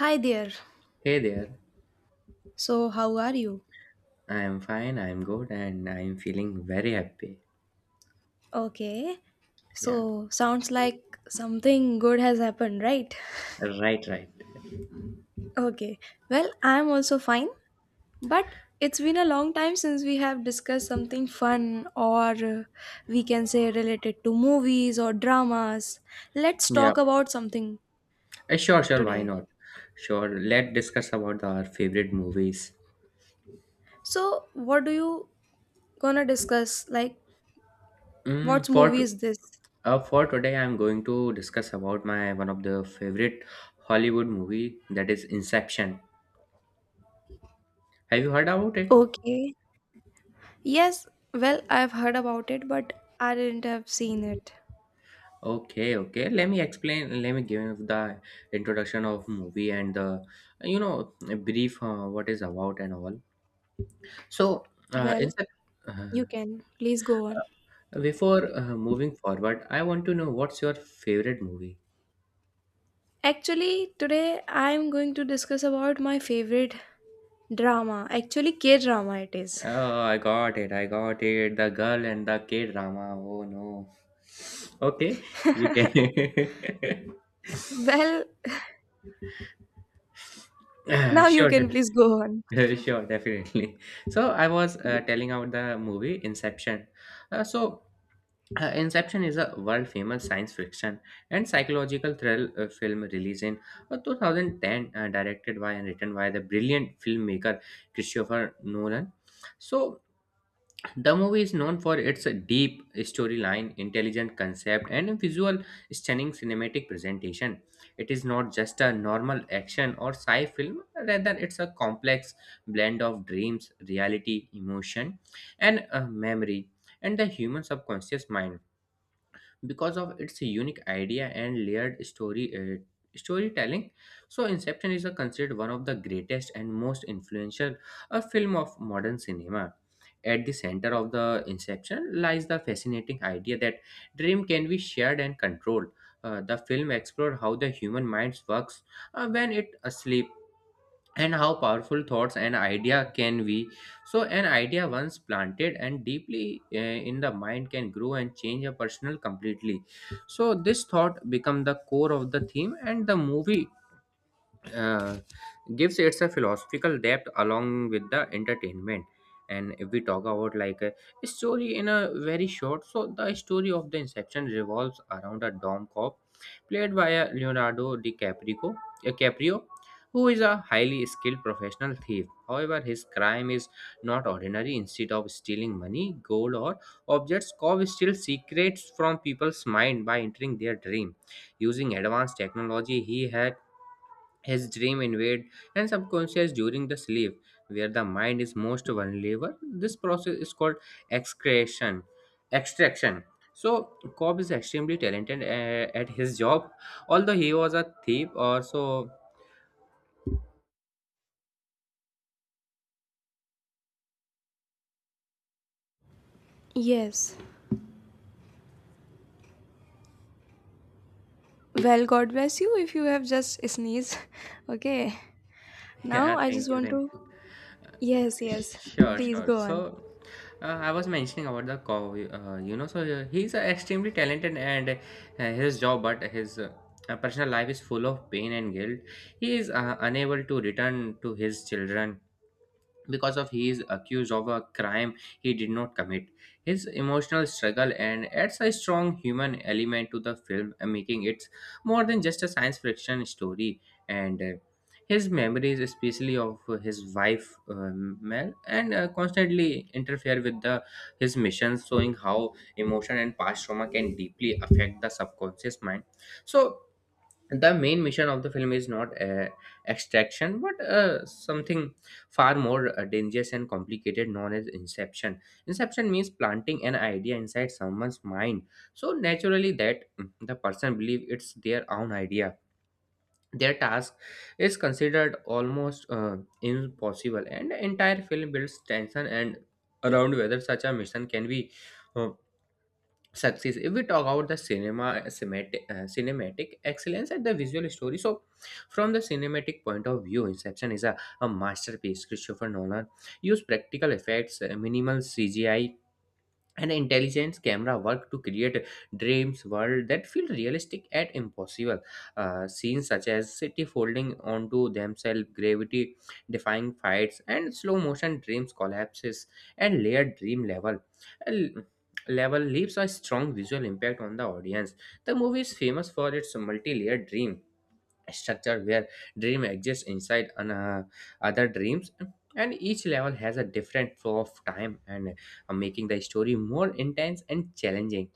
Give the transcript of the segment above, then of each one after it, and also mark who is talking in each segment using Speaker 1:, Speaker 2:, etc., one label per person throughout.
Speaker 1: Hi there.
Speaker 2: Hey there,
Speaker 1: So, how are you?
Speaker 2: I'm fine, I'm good, and I'm feeling very happy.
Speaker 1: Okay.
Speaker 2: Yeah,
Speaker 1: So, sounds like something good has happened, right?
Speaker 2: right, right.
Speaker 1: Okay. Well, I'm also fine, but it's been a long time since we have discussed something fun or we can say related to movies or dramas. Let's
Speaker 2: Yeah,
Speaker 1: talk about something
Speaker 2: sure, sure, why
Speaker 1: today.
Speaker 2: not? Sure, let's discuss about our favorite movies.
Speaker 1: So, what do you gonna discuss? Like, what
Speaker 2: Mm, for
Speaker 1: movie
Speaker 2: t-
Speaker 1: is this?
Speaker 2: for today, I'm going to discuss about my one of the favorite Hollywood movie that is Inception. Have you heard about it?
Speaker 1: Okay. Yes, well, I've heard about it, but I didn't have seen it.
Speaker 2: Okay, okay. Let me explain. Let me give the introduction of movie and the you know brief what is about and all. So,
Speaker 1: Well,
Speaker 2: Inception. uh,
Speaker 1: you can. Please go on.
Speaker 2: Uh, Before moving forward, I want to know what's your favorite movie?
Speaker 1: Actually, today I am going to discuss about my favorite drama. Actually, K drama it is.
Speaker 2: Oh, I got it. I got it. The girl and the K drama. Oh no. Okay, you can.
Speaker 1: Well,
Speaker 2: Uh,
Speaker 1: now you
Speaker 2: sure,
Speaker 1: can please go on.
Speaker 2: sure, sure, definitely. So I was telling out the movie Inception. Uh, so Inception is a world famous science fiction and psychological thrill film released in 2010, directed by and written by the brilliant filmmaker Christopher Nolan. So, the movie is known for its deep storyline, intelligent concept, and visual stunning cinematic presentation. It is not just a normal action or sci film, rather, it's a complex blend of dreams, reality, emotion, and memory, and the human subconscious mind because of its unique idea and layered story storytelling, so inception is considered one of the greatest and most influential film of modern cinema. At the center of the inception lies the fascinating idea that dream can be shared and controlled. The film explored how the human mind works when it asleep, and how powerful thoughts and idea can be, so an idea once planted and deeply in the mind can grow and change a person completely. So this thought become the core of the theme and the movie, uh, gives its a philosophical depth along with the entertainment. And if we talk about like a story in a very short, so the story of the inception revolves around a dom cop played by Leonardo DiCaprio, Caprio, who is a highly skilled professional thief. However, his crime is not ordinary. Instead of stealing money, gold, or objects, Cobb steals secrets from people's mind by entering their dream. Using advanced technology, he had his dream invade and subconscious during the sleep, where the mind is most vulnerable. This process is called excretion, extraction. So Cobb is extremely talented at his job, although he was a thief. Also,
Speaker 1: Yes. Well, God bless you if you have just sneezed. Okay. Now
Speaker 2: yeah,
Speaker 1: I just
Speaker 2: thank you,
Speaker 1: want
Speaker 2: thank.
Speaker 1: to.
Speaker 2: you.
Speaker 1: Yes, yes.
Speaker 2: Sure,
Speaker 1: Please
Speaker 2: sure.
Speaker 1: go on.
Speaker 2: So, I was mentioning about the cow, so he's extremely talented and his job, but his personal life is full of pain and guilt. He is unable to return to his children because of he is accused of a crime he did not commit. His emotional struggle and adds a strong human element to the film, making it more than just a science fiction story, and his memories especially of his wife mel and constantly interfere with the his missions, showing how emotion and past trauma can deeply affect the subconscious mind. So the main mission of the film is not extraction but something far more dangerous and complicated, known as inception. Inception means planting an idea inside someone's mind so naturally that the person believes it's their own idea. Their task is considered almost impossible, and the entire film builds tension and around whether such a mission can be uh, success. If we talk about the cinematic excellence at the visual story, so from the cinematic point of view, inception is a masterpiece. Christopher Nolan used practical effects, minimal CGI, and intelligence camera work to create dreams world that feel realistic and impossible. Scenes such as city folding onto themselves, gravity defying fights, and slow motion dreams collapses and layered dream l- level leaves a strong visual impact on the audience. The movie is famous for its multi-layered dream structure, where dream exists inside other dreams, and each level has a different flow of time, and making the story more intense and challenging.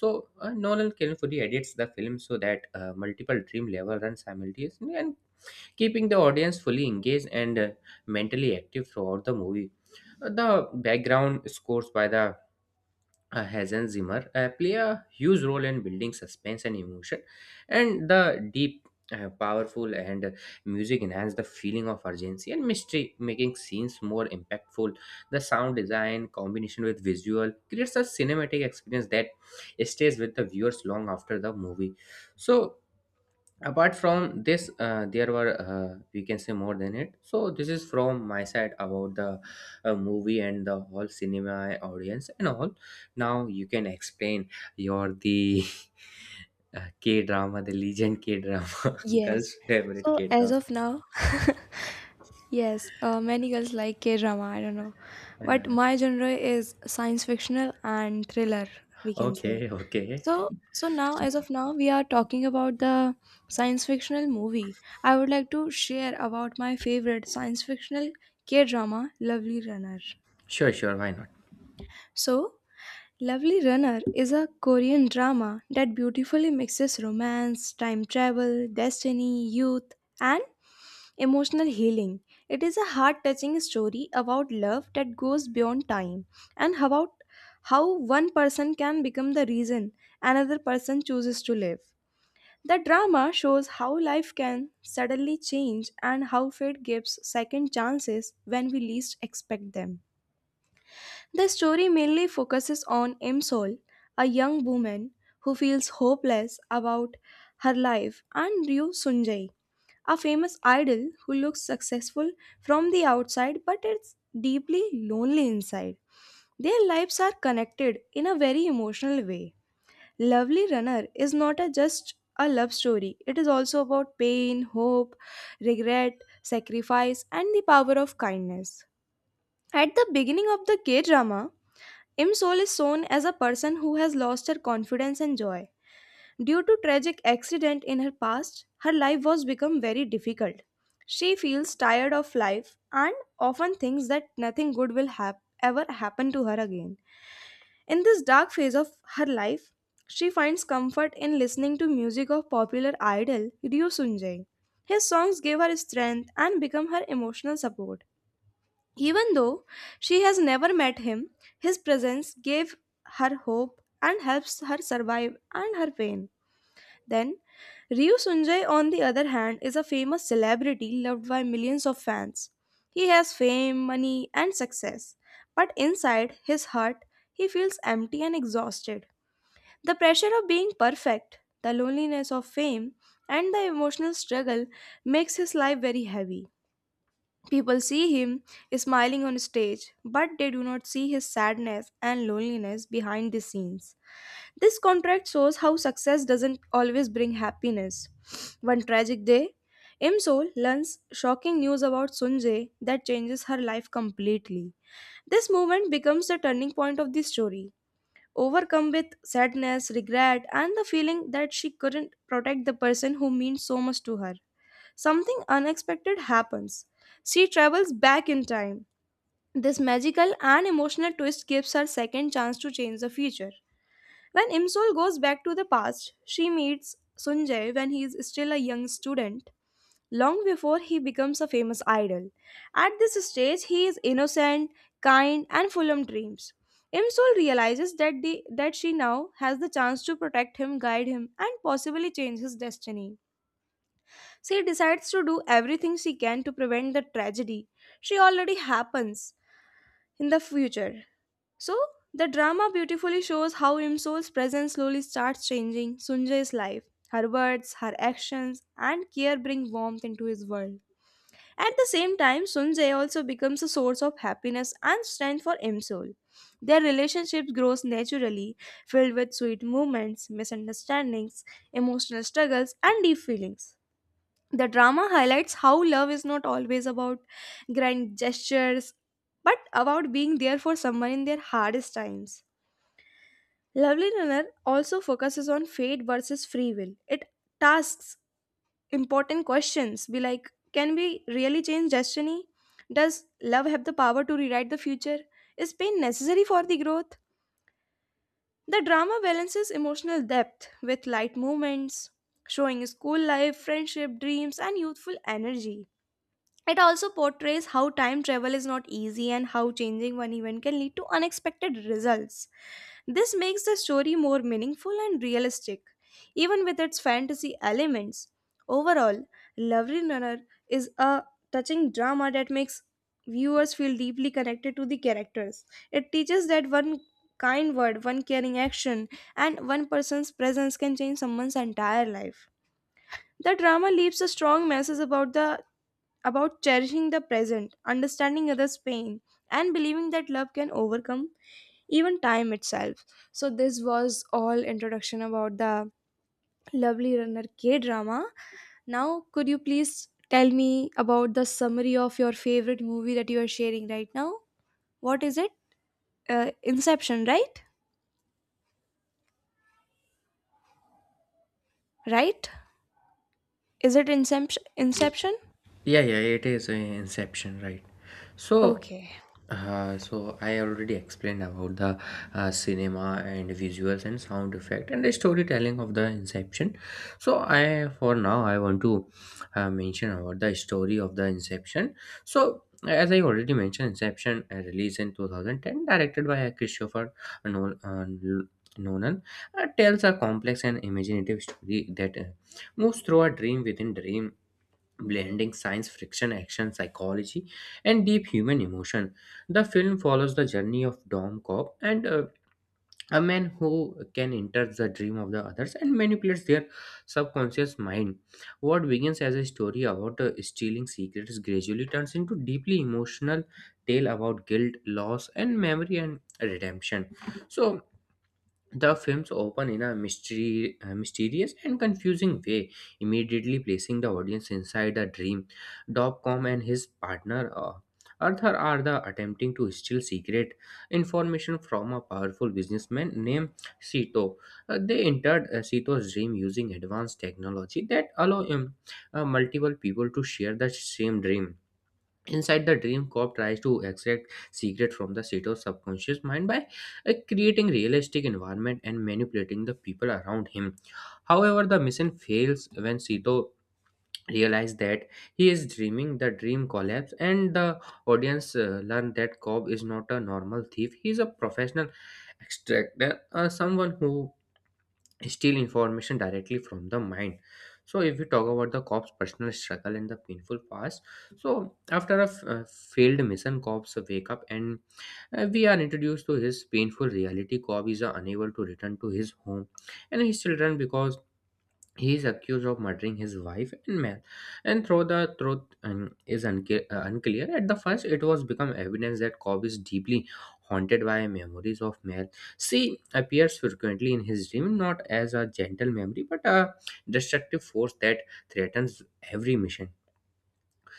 Speaker 2: So Nolan carefully edits the film so that multiple dream levels run simultaneously and keeping the audience fully engaged and mentally active throughout the movie. The background scores by the Hans Zimmer play a huge role in building suspense and emotion, and the deep, powerful, and music enhance the feeling of urgency and mystery, making scenes more impactful. The sound design combination with visual creates a cinematic experience that stays with the viewers long after the movie. So apart from this there were we can say more than it, so this is from my side about the movie and the whole cinema audience and all. Now you can explain your the k drama, the legend k drama,
Speaker 1: Yes.
Speaker 2: girls favorite
Speaker 1: So,
Speaker 2: k
Speaker 1: as
Speaker 2: drama.
Speaker 1: of now, Yes, many girls like K drama, I don't know. But
Speaker 2: uh,
Speaker 1: my genre is science fictional and thriller, we can say.
Speaker 2: okay, okay.
Speaker 1: So, so now, as of now, we are talking about the science fictional movie. I would like to share about my favorite science fictional K drama, Lovely Runner.
Speaker 2: Sure, sure, why not?
Speaker 1: So, Lovely Runner is a Korean drama that beautifully mixes romance, time travel, destiny, youth, and emotional healing. It is a heart touching story about love that goes beyond time and about how one person can become the reason another person chooses to live. The drama shows how life can suddenly change and how fate gives second chances when we least expect them. The story mainly focuses on Imsol, a young woman who feels hopeless about her life, and Ryu Sunjay, a famous idol who looks successful from the outside but is deeply lonely inside. Their lives are connected in a very emotional way. Lovely Runner is not a just a love story, it is also about pain, hope, regret, sacrifice, and the power of kindness. At the beginning of the K drama, Im Sol is shown as a person who has lost her confidence and joy. Due to tragic accident in her past, her life was become very difficult. She feels tired of life and often thinks that nothing good will ever happen to her again. In this dark phase of her life, she finds comfort in listening to music of popular idol Ryu Sunjay. His songs gave her strength and become her emotional support. Even though she has never met him, his presence gave her hope and helps her survive and her pain. Then, Ryu Sunjay, on the other hand, is a famous celebrity loved by millions of fans. He has fame, money, and success, but inside his heart, he feels empty and exhausted. The pressure of being perfect, the loneliness of fame, and the emotional struggle makes his life very heavy. People see him smiling on stage, but they do not see his sadness and loneliness behind the scenes. This contract shows how success doesn't always bring happiness. One tragic day, Im Sol learns shocking news about Sunjae that changes her life completely. This moment becomes the turning point of the story. Overcome with sadness, regret, and the feeling that she couldn't protect the person who means so much to her, something unexpected happens. She travels back in time. This magical and emotional twist gives her second chance to change the future. When Imsul goes back to the past, she meets Sunjay when he is still a young student, long before he becomes a famous idol. At this stage, he is innocent, kind, and full of dreams. Imsul realizes that she now has the chance to protect him, guide him, and possibly change his destiny. She decides to do everything she can to prevent the tragedy. She already happens in the future. So, the drama beautifully shows how Imsol's presence slowly starts changing Sunjay's life. Her words, her actions, and care bring warmth into his world. At the same time, Sunjay also becomes a source of happiness and strength for Imsol. Their relationship grows naturally, filled with sweet moments, misunderstandings, emotional struggles, and deep feelings. The drama highlights how love is not always about grand gestures, but about being there for someone in their hardest times. Lovely Runner also focuses on fate versus free will. It tasks important questions be like, can we really change destiny? Does love have the power to rewrite the future? Is pain necessary for the growth? The drama balances emotional depth with light moments, showing school life, friendship, dreams, and youthful energy. It also portrays how time travel is not easy and how changing one event can lead to unexpected results. This makes the story more meaningful and realistic, even with its fantasy elements. Overall, Lovely Runner is a touching drama that makes viewers feel deeply connected to the characters. It teaches that one kind word, one caring action, and one person's presence can change someone's entire life. The drama leaves a strong message about cherishing the present, understanding others' pain, and believing that love can overcome even time itself. So this was all introduction about the lovely runner K drama. Now could you please tell me about the summary of your favorite movie that you are sharing right now? What is it? Inception, right? Right? Is it Inception? Inception?
Speaker 2: Yeah, yeah, it is inception, right? so
Speaker 1: Okay.
Speaker 2: Uh, so I already explained about the cinema and visuals and sound effect and the storytelling of the Inception. So I, for now, I want to mention about the story of the Inception. So as I already mentioned, Inception released in 2010, directed by Nol- uh, L- Nolan, tells a complex and imaginative story that moves through a dream within dream, blending science fiction, action, psychology, and deep human emotion. The film follows the journey of Dom Cobb and a man who can enter the dream of the others and manipulates their subconscious mind. What begins as a story about stealing secrets gradually turns into deeply emotional tale about guilt, loss, and memory and redemption. So the films open in a mysterious and confusing way, immediately placing the audience inside a dream. Dopcom and his partner Arthur are the attempting to steal secret information from a powerful businessman named Sito. They entered Sito's dream using advanced technology that allow multiple people to share the same dream. Inside the dream, Cobb tries to extract secret from the Sato's subconscious mind by creating realistic environment and manipulating the people around him. However, the mission fails when Sito realizes that he is dreaming. The dream collapses, and the audience learn that Cobb is not a normal thief. He is a professional extractor, someone who steal information directly from the mind. So if we talk about the cop's personal struggle and the painful past, so after a failed mission, cops wake up, and we are introduced to his painful reality. Cobb is unable to return to his home and his children because he is accused of murdering his wife and man, and though the truth unclear, at the first it was become evidence that Cobb is deeply haunted by memories of Mel. She appears frequently in his dream, not as a gentle memory, but a destructive force that threatens every mission.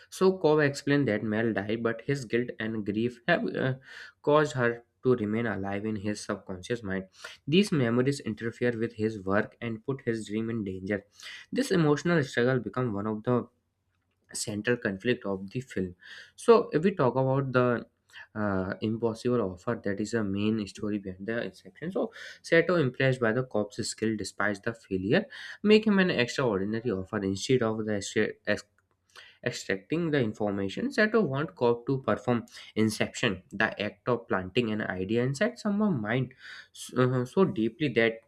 Speaker 2: So Cobb explained that Mel died, but his guilt and grief have caused her to remain alive in his subconscious mind. These memories interfere with his work and put his dream in danger. This emotional struggle becomes one of the central conflict of the film. So if we talk about the impossible offer that is the main story behind the inception, so Sato, impressed by the cop's skill despite the failure, make him an extraordinary offer. Instead of the extracting the information that you want, code to perform inception, the act of planting an idea inside someone's mind so, so deeply that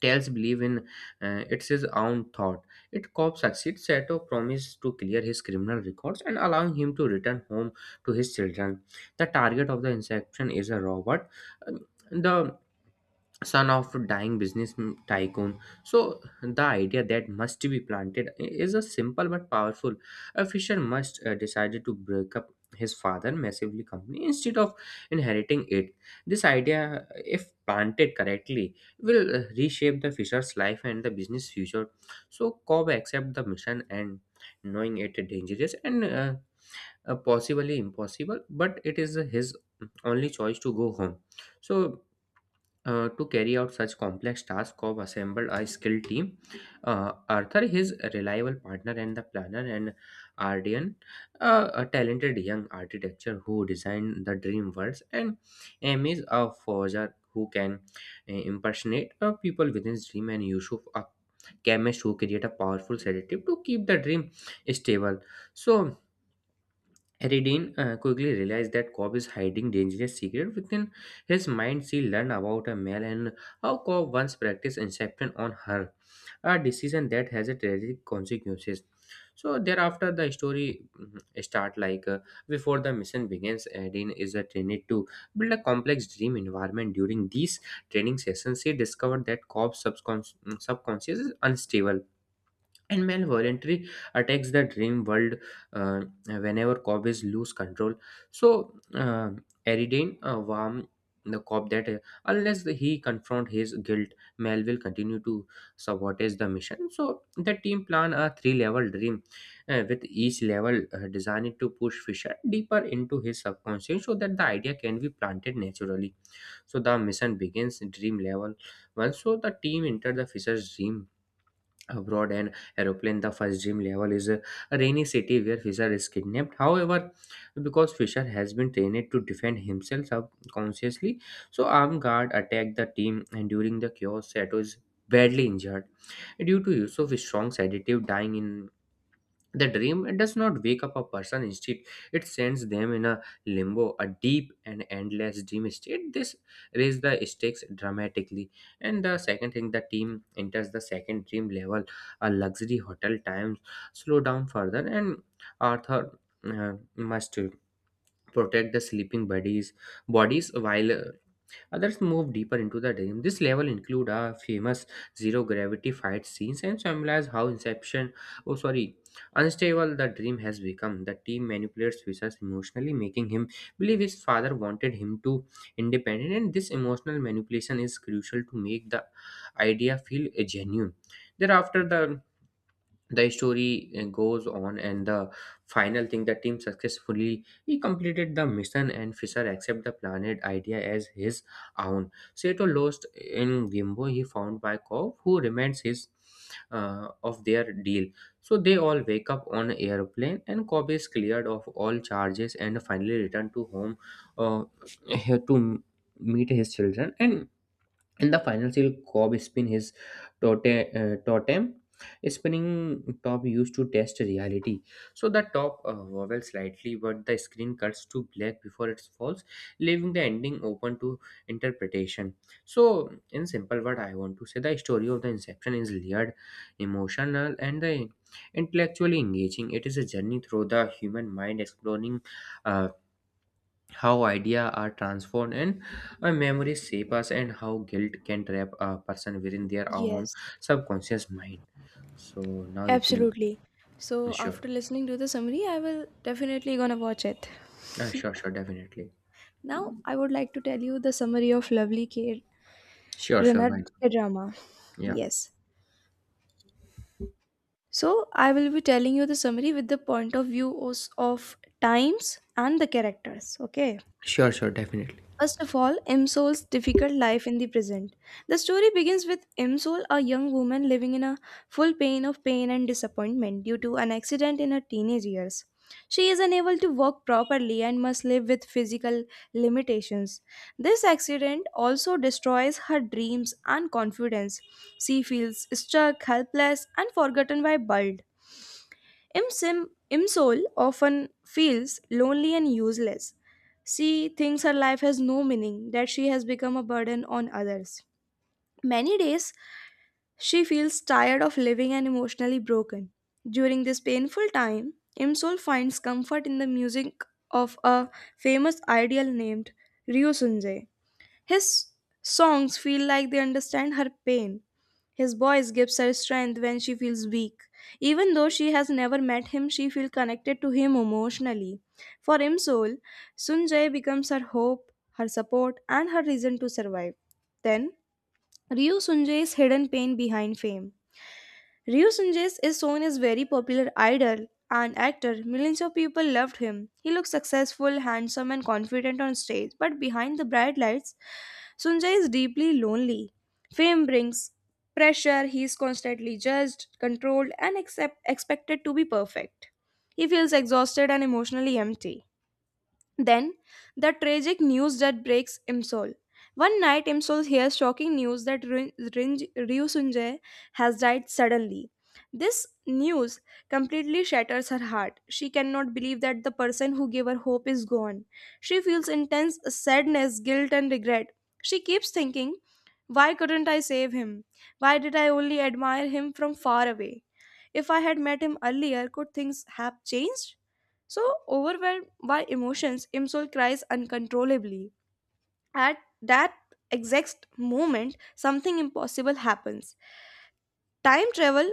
Speaker 2: tells believe in it's his own thought. It cop succeeds, Sato a to clear his criminal records and allowing him to return home to his children. The target of the inception is a robot. The son of a dying business tycoon. So the idea that must be planted is a simple but powerful. A fisher must decided to break up his father massively company instead of inheriting it. This idea if planted correctly will reshape the fisher's life and the business future. So Cobb accept the mission and knowing it dangerous and possibly impossible, but it is his only choice to go home. So to carry out such complex task, Cobb assembled a skilled team. Arthur, his reliable partner and the planner, and Ardian, a talented young architect who designed the dream worlds, and M is a forger who can impersonate people within his dream, and Yusuf, a chemist who create a powerful sedative to keep the dream stable. So Ridin quickly realized that Cobb is hiding dangerous secret within his mind. She learned about a male and how Cobb once practiced inception on her, a decision that has a tragic consequences. So thereafter, the story start before the mission begins. Ridin is a trained to build a complex dream environment. During these training sessions, she discovered that Cobb's subconscious is unstable and Mel voluntarily attacks the dream world whenever Cobb is lose control. So uh, Eridane warn the cop that unless he confront his guilt, Mel will continue to sabotage the mission. So the team plan a three-level dream, with each level designed to push Fisher deeper into his subconscious so that the idea can be planted naturally. So the mission begins in dream level. Once so the team enter the Fisher's dream abroad and aeroplane. The first dream level is a rainy city where Fisher is kidnapped. However, because Fisher has been trained to defend himself subconsciously, so armed guard attack the team and during the chaos Sato is badly injured due to use of his strong sedative. Dying in the dream, it does not wake up a person. Instead, it sends them in a limbo, a deep and endless dream state. This raises the stakes dramatically. And the second thing, the team enters the second dream level, a luxury hotel. Times slow down further, and Arthur must protect the sleeping bodies while others move deeper into the dream. This level include a famous zero gravity fight scenes and symbolize how oh sorry, unstable the dream has become. The team manipulates Vishas emotionally, making him believe his father wanted him to independent. And this emotional manipulation is crucial to make the idea feel genuine. Thereafter, the story goes on and the final thing the team successfully he completed the mission and Fisher accept the planet idea as his own. Sato lost in gimbo, he found by Kov, who reminds his of their deal. So they all wake up on airplane and Cobb is cleared of all charges and finally returned to home uh, here to m- meet his children. And in the final seal, Cobb spin his totem. Spinning top used to test reality. So the top wobbles slightly, but the screen cuts to black before it falls, leaving the ending open to interpretation. So, in simple word, I want to say the story of the Inception is layered, emotional, and the intellectually engaging. It is a journey through the human mind, exploring. Uh, how ideas are transformed and our memories shape us and how guilt can trap a person within their own
Speaker 1: Yes.
Speaker 2: subconscious mind. So now you can.
Speaker 1: Absolutely. So
Speaker 2: Sure.
Speaker 1: after listening to the summary, I will definitely gonna watch it.
Speaker 2: Sure, sure, definitely.
Speaker 1: Now, I would like to tell you the summary of Lovely K
Speaker 2: Sure, sure, why
Speaker 1: Renard
Speaker 2: not?
Speaker 1: K drama.
Speaker 2: Yeah.
Speaker 1: Yes. So, I will be telling you the summary with the point of view of times and the characters. Okay.
Speaker 2: Sure, sure, definitely.
Speaker 1: First of all, Imsol's difficult life in the present. The story begins with Imsol, a young woman living in a full pain of pain and disappointment due to an accident in her teenage years. She is unable to walk properly and must live with physical limitations. This accident also destroys her dreams and confidence. She feels stuck, helpless, and forgotten by Bald. Imsol often feels lonely and useless. She thinks her life has no meaning, that she has become a burden on others. Many days, she feels tired of living and emotionally broken. During this painful time, Imsol finds comfort in the music of a famous ideal named Ryu Sunjae. His songs feel like they understand her pain. His voice gives her strength when she feels weak. Even though she has never met him, she feels connected to him emotionally. For Imsol, Sunjay becomes her hope, her support, and her reason to survive. Then, Ryu Sunjay's hidden pain behind fame. Ryu Sunjay is shown as very popular idol and actor. Millions of people loved him. He looks successful, handsome, and confident on stage, but behind the bright lights, Sunjay is deeply lonely. Fame brings pressure, he is constantly judged, controlled, and accept, expected to be perfect. He feels exhausted and emotionally empty. Then, the tragic news that breaks Imsol. One night, Imsol hears shocking news that Ryusunjae has died suddenly. This news completely shatters her heart. She cannot believe that the person who gave her hope is gone. She feels intense sadness, guilt, and regret. She keeps thinking, why couldn't I save him? Why did I only admire him from far away? If I had met him earlier, could things have changed? So, overwhelmed by emotions, Imsol cries uncontrollably. At that exact moment, something impossible happens. Time travel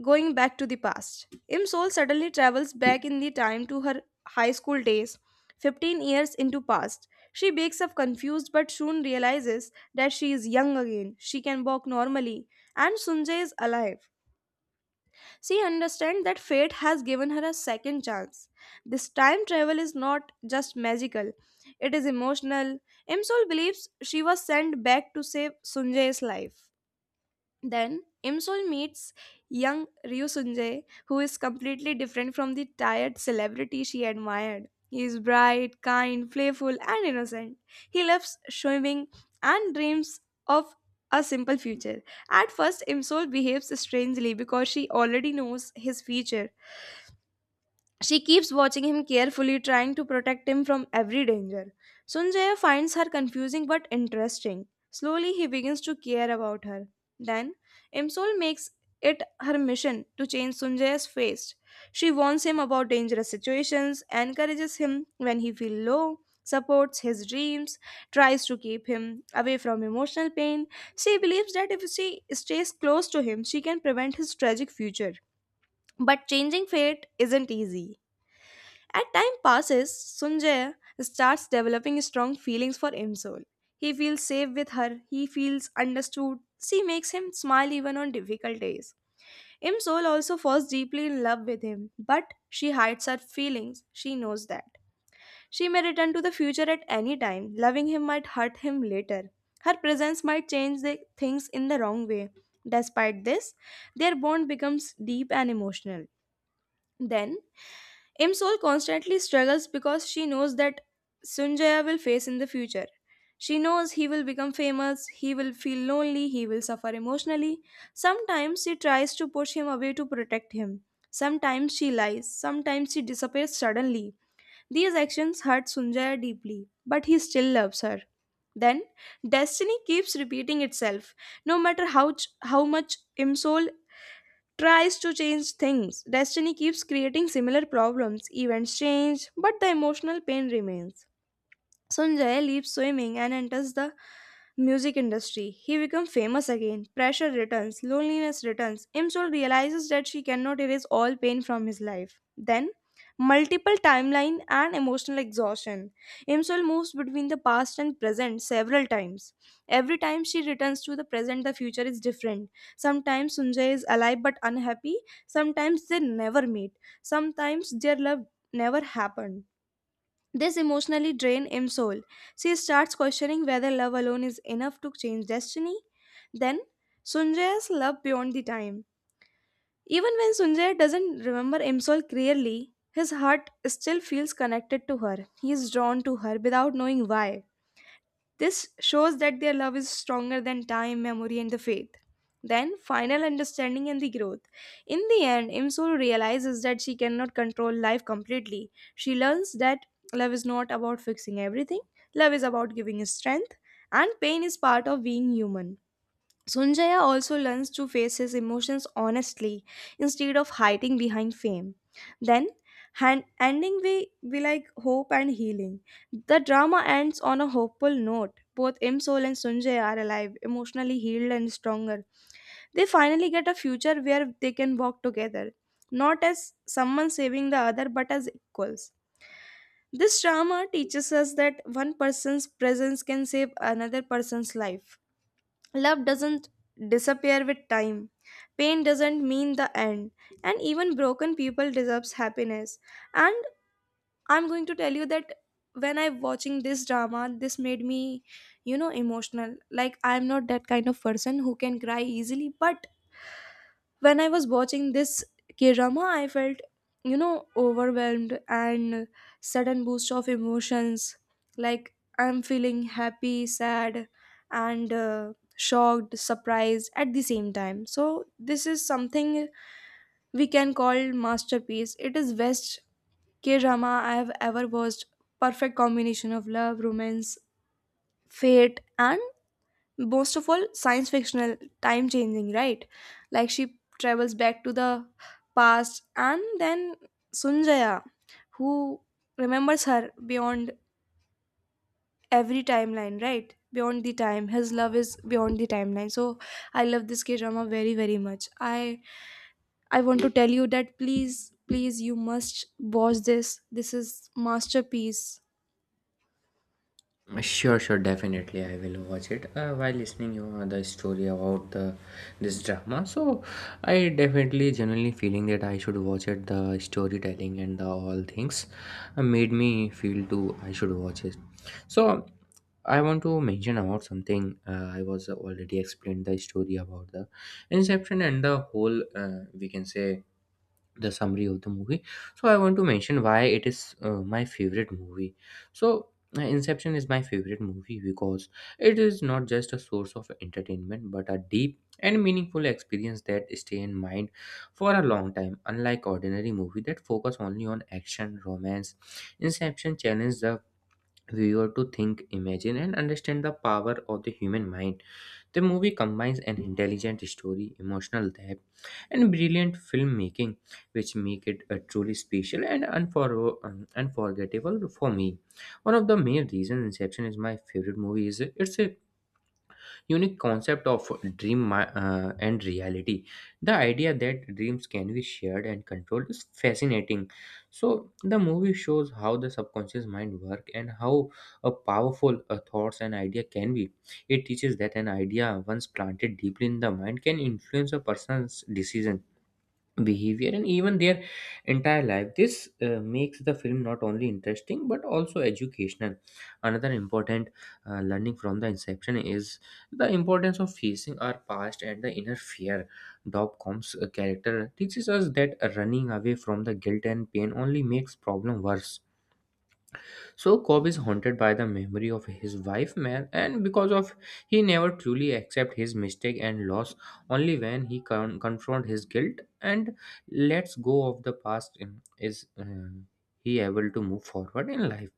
Speaker 1: going back to the past. Imsol suddenly travels back in the time to her high school days, 15 years into past. She wakes up confused but soon realizes that she is young again. She can walk normally and Sunjay is alive. She understands that fate has given her a second chance. This time travel is not just magical, it is emotional. Imsol believes she was sent back to save Sunjay's life. Then Imsol meets young Ryu Sunjae, who is completely different from the tired celebrity she admired. He is bright, kind, playful, and innocent. He loves swimming and dreams of a simple future. At first, Imsol behaves strangely because she already knows his future she keeps watching him carefully, trying to protect him from every danger. Sunjaya finds her confusing but interesting. Slowly, he begins to care about her. Then, Imsol makes it her mission to change Sunjaya's face. She warns him about dangerous situations, encourages him when he feels low, supports his dreams, tries to keep him away from emotional pain. She believes that if she stays close to him, she can prevent his tragic future. But changing fate isn't easy. As time passes, Sunjay starts developing strong feelings for Imsol. He feels safe with her, he feels understood. She makes him smile even on difficult days. Imsol also falls deeply in love with him, but she hides her feelings. She knows that. She may return to the future at any time. Loving him might hurt him later. Her presence might change the things in the wrong way. Despite this, their bond becomes deep and emotional. Then Im Sol constantly struggles because she knows that Sunjaya will face in the future. She knows he will become famous, he will feel lonely, he will suffer emotionally. Sometimes she tries to push him away to protect him. Sometimes she lies, sometimes she disappears suddenly. These actions hurt Sunjaya deeply, but he still loves her. Then, destiny keeps repeating itself. No matter how much Imsol tries to change things. Destiny keeps creating similar problems. Events change, but the emotional pain remains. Sunjay leaves swimming and enters the music industry. He becomes famous again. Pressure returns, loneliness returns. Imsol realizes that she cannot erase all pain from his life. Then, multiple timeline and emotional exhaustion. Imsol moves between the past and present several times. Every time she returns to the present, the future is different. Sometimes Sunjay is alive but unhappy. Sometimes they never meet. Sometimes their love never happened this emotionally drained Im's soul. She starts questioning whether love alone is enough to change destiny. Then, Sunjaya's love beyond the time. Even when Sunjaya doesn't remember Im's soul clearly, his heart still feels connected to her. He is drawn to her without knowing why. This shows that their love is stronger than time, memory, and the faith. Then, final understanding and the growth. In the end, Imsul realizes that she cannot control life completely. She learns that love is not about fixing everything, love is about giving strength, and pain is part of being human. Sunjaya also learns to face his emotions honestly instead of hiding behind fame. Then, hand, ending we like hope and healing. The drama ends on a hopeful note. Both Imsol and Sunjaya are alive, emotionally healed and stronger. They finally get a future where they can walk together, not as someone saving the other, but as equals. This drama teaches us that one person's presence can save another person's life. Love doesn't disappear with time. Pain doesn't mean the end. And even broken people deserves happiness. And I'm going to tell you that when I'm watching this drama, this made me, you know, emotional. Like I'm not that kind of person who can cry easily, but when I was watching this K drama, I felt, you know, overwhelmed and sudden boost of emotions. Like I'm feeling happy, sad, and shocked, surprised at the same time. So this is something we can call masterpiece. It is best K drama I have ever watched. Perfect combination of love, romance, fate, and most of all science fictional time changing, right? Like she travels back to the past and then Sunjaya who remembers her beyond every timeline, right? Beyond the time his love is beyond the timeline. So I love this K drama very very much. I want to tell you that please please you must watch this. This is masterpiece.
Speaker 2: Sure, sure, definitely, I will watch it. While listening, you know, the story about the this drama, so I definitely generally feeling that I should watch it. The storytelling and the all things made me feel too I should watch it. So I want to mention about something. I was already explained the story about the inception and the whole, we can say, the summary of the movie. So I want to mention why it is my favorite movie. So Inception is my favorite movie because it is not just a source of entertainment but a deep and meaningful experience that stay in mind for a long time. Unlike ordinary movie that focus only on action, romance, Inception challenges the we were to think, imagine, and understand the power of the human mind. The movie combines an intelligent story, emotional depth, and brilliant filmmaking, which make it a truly special and unforgettable for me. One of the main reasons Inception is my favorite movie is its unique concept of dream and reality. The idea that dreams can be shared and controlled is fascinating. So the movie shows how the subconscious mind work and how a powerful thoughts and idea can be. It teaches that an idea once planted deeply in the mind can influence a person's decision behavior and even their entire life. This makes the film not only interesting but also educational. Another important learning from the inception is the importance of facing our past and the inner fear. Dopcom's character teaches us that running away from the guilt and pain only makes problem worse. So Cobb is haunted by the memory of his wife man, and because of he never truly accept his mistake and loss. Only when he confront his guilt and lets go of the past in- is he able to move forward in life.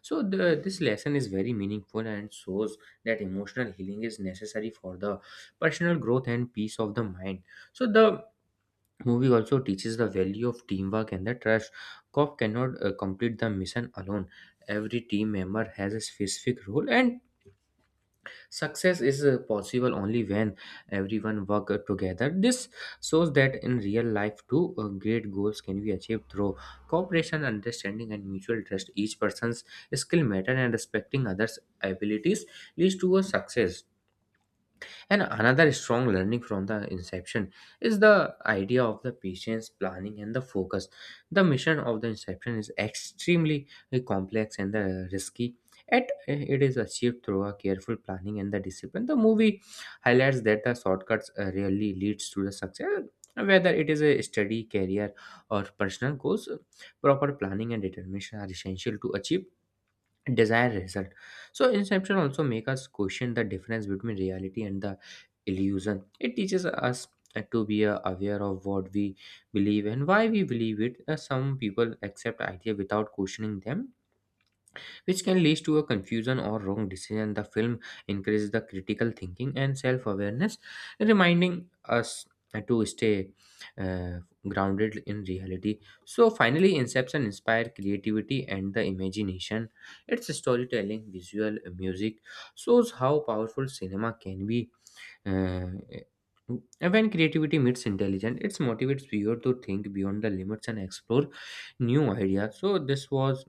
Speaker 2: So this lesson is very meaningful and shows that emotional healing is necessary for the personal growth and peace of the mind. So the movie also teaches the value of teamwork and the trust. Cop cannot complete the mission alone. Every team member has a specific role, and success is possible only when everyone work together. This shows that in real life, too, great goals can be achieved through cooperation, understanding, and mutual trust. Each person's skill matter and respecting others' abilities leads to a success. And another strong learning from the inception is the idea of the patience, planning, and the focus. The mission of the inception is extremely complex and risky. Yet it is achieved through a careful planning and the discipline. The movie highlights that the shortcuts really leads to the success. Whether it is a study, career, or personal goals, proper planning and determination are essential to achieve desired result. So Inception also make us question the difference between reality and the illusion. It teaches us to be aware of what we believe and why we believe it. Some people accept idea without questioning them, which can lead to a confusion or wrong decision. The film encourages the critical thinking and self awareness, reminding us to stay uh, grounded in reality. So, finally, Inception inspired creativity and the imagination. Its storytelling, visual, music shows how powerful cinema can be. uh, when creativity meets intelligence, it motivates viewer to think beyond the limits and explore new ideas. So this was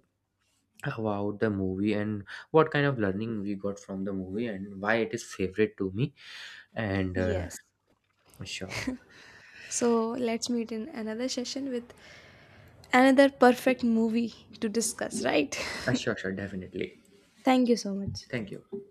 Speaker 2: about the movie and what kind of learning we got from the movie and why it is favorite to me. And
Speaker 1: Yes.
Speaker 2: sure.
Speaker 1: So let's meet in another session with another perfect movie to discuss, right?
Speaker 2: Sure, sure, definitely.
Speaker 1: Thank you so much.
Speaker 2: Thank you.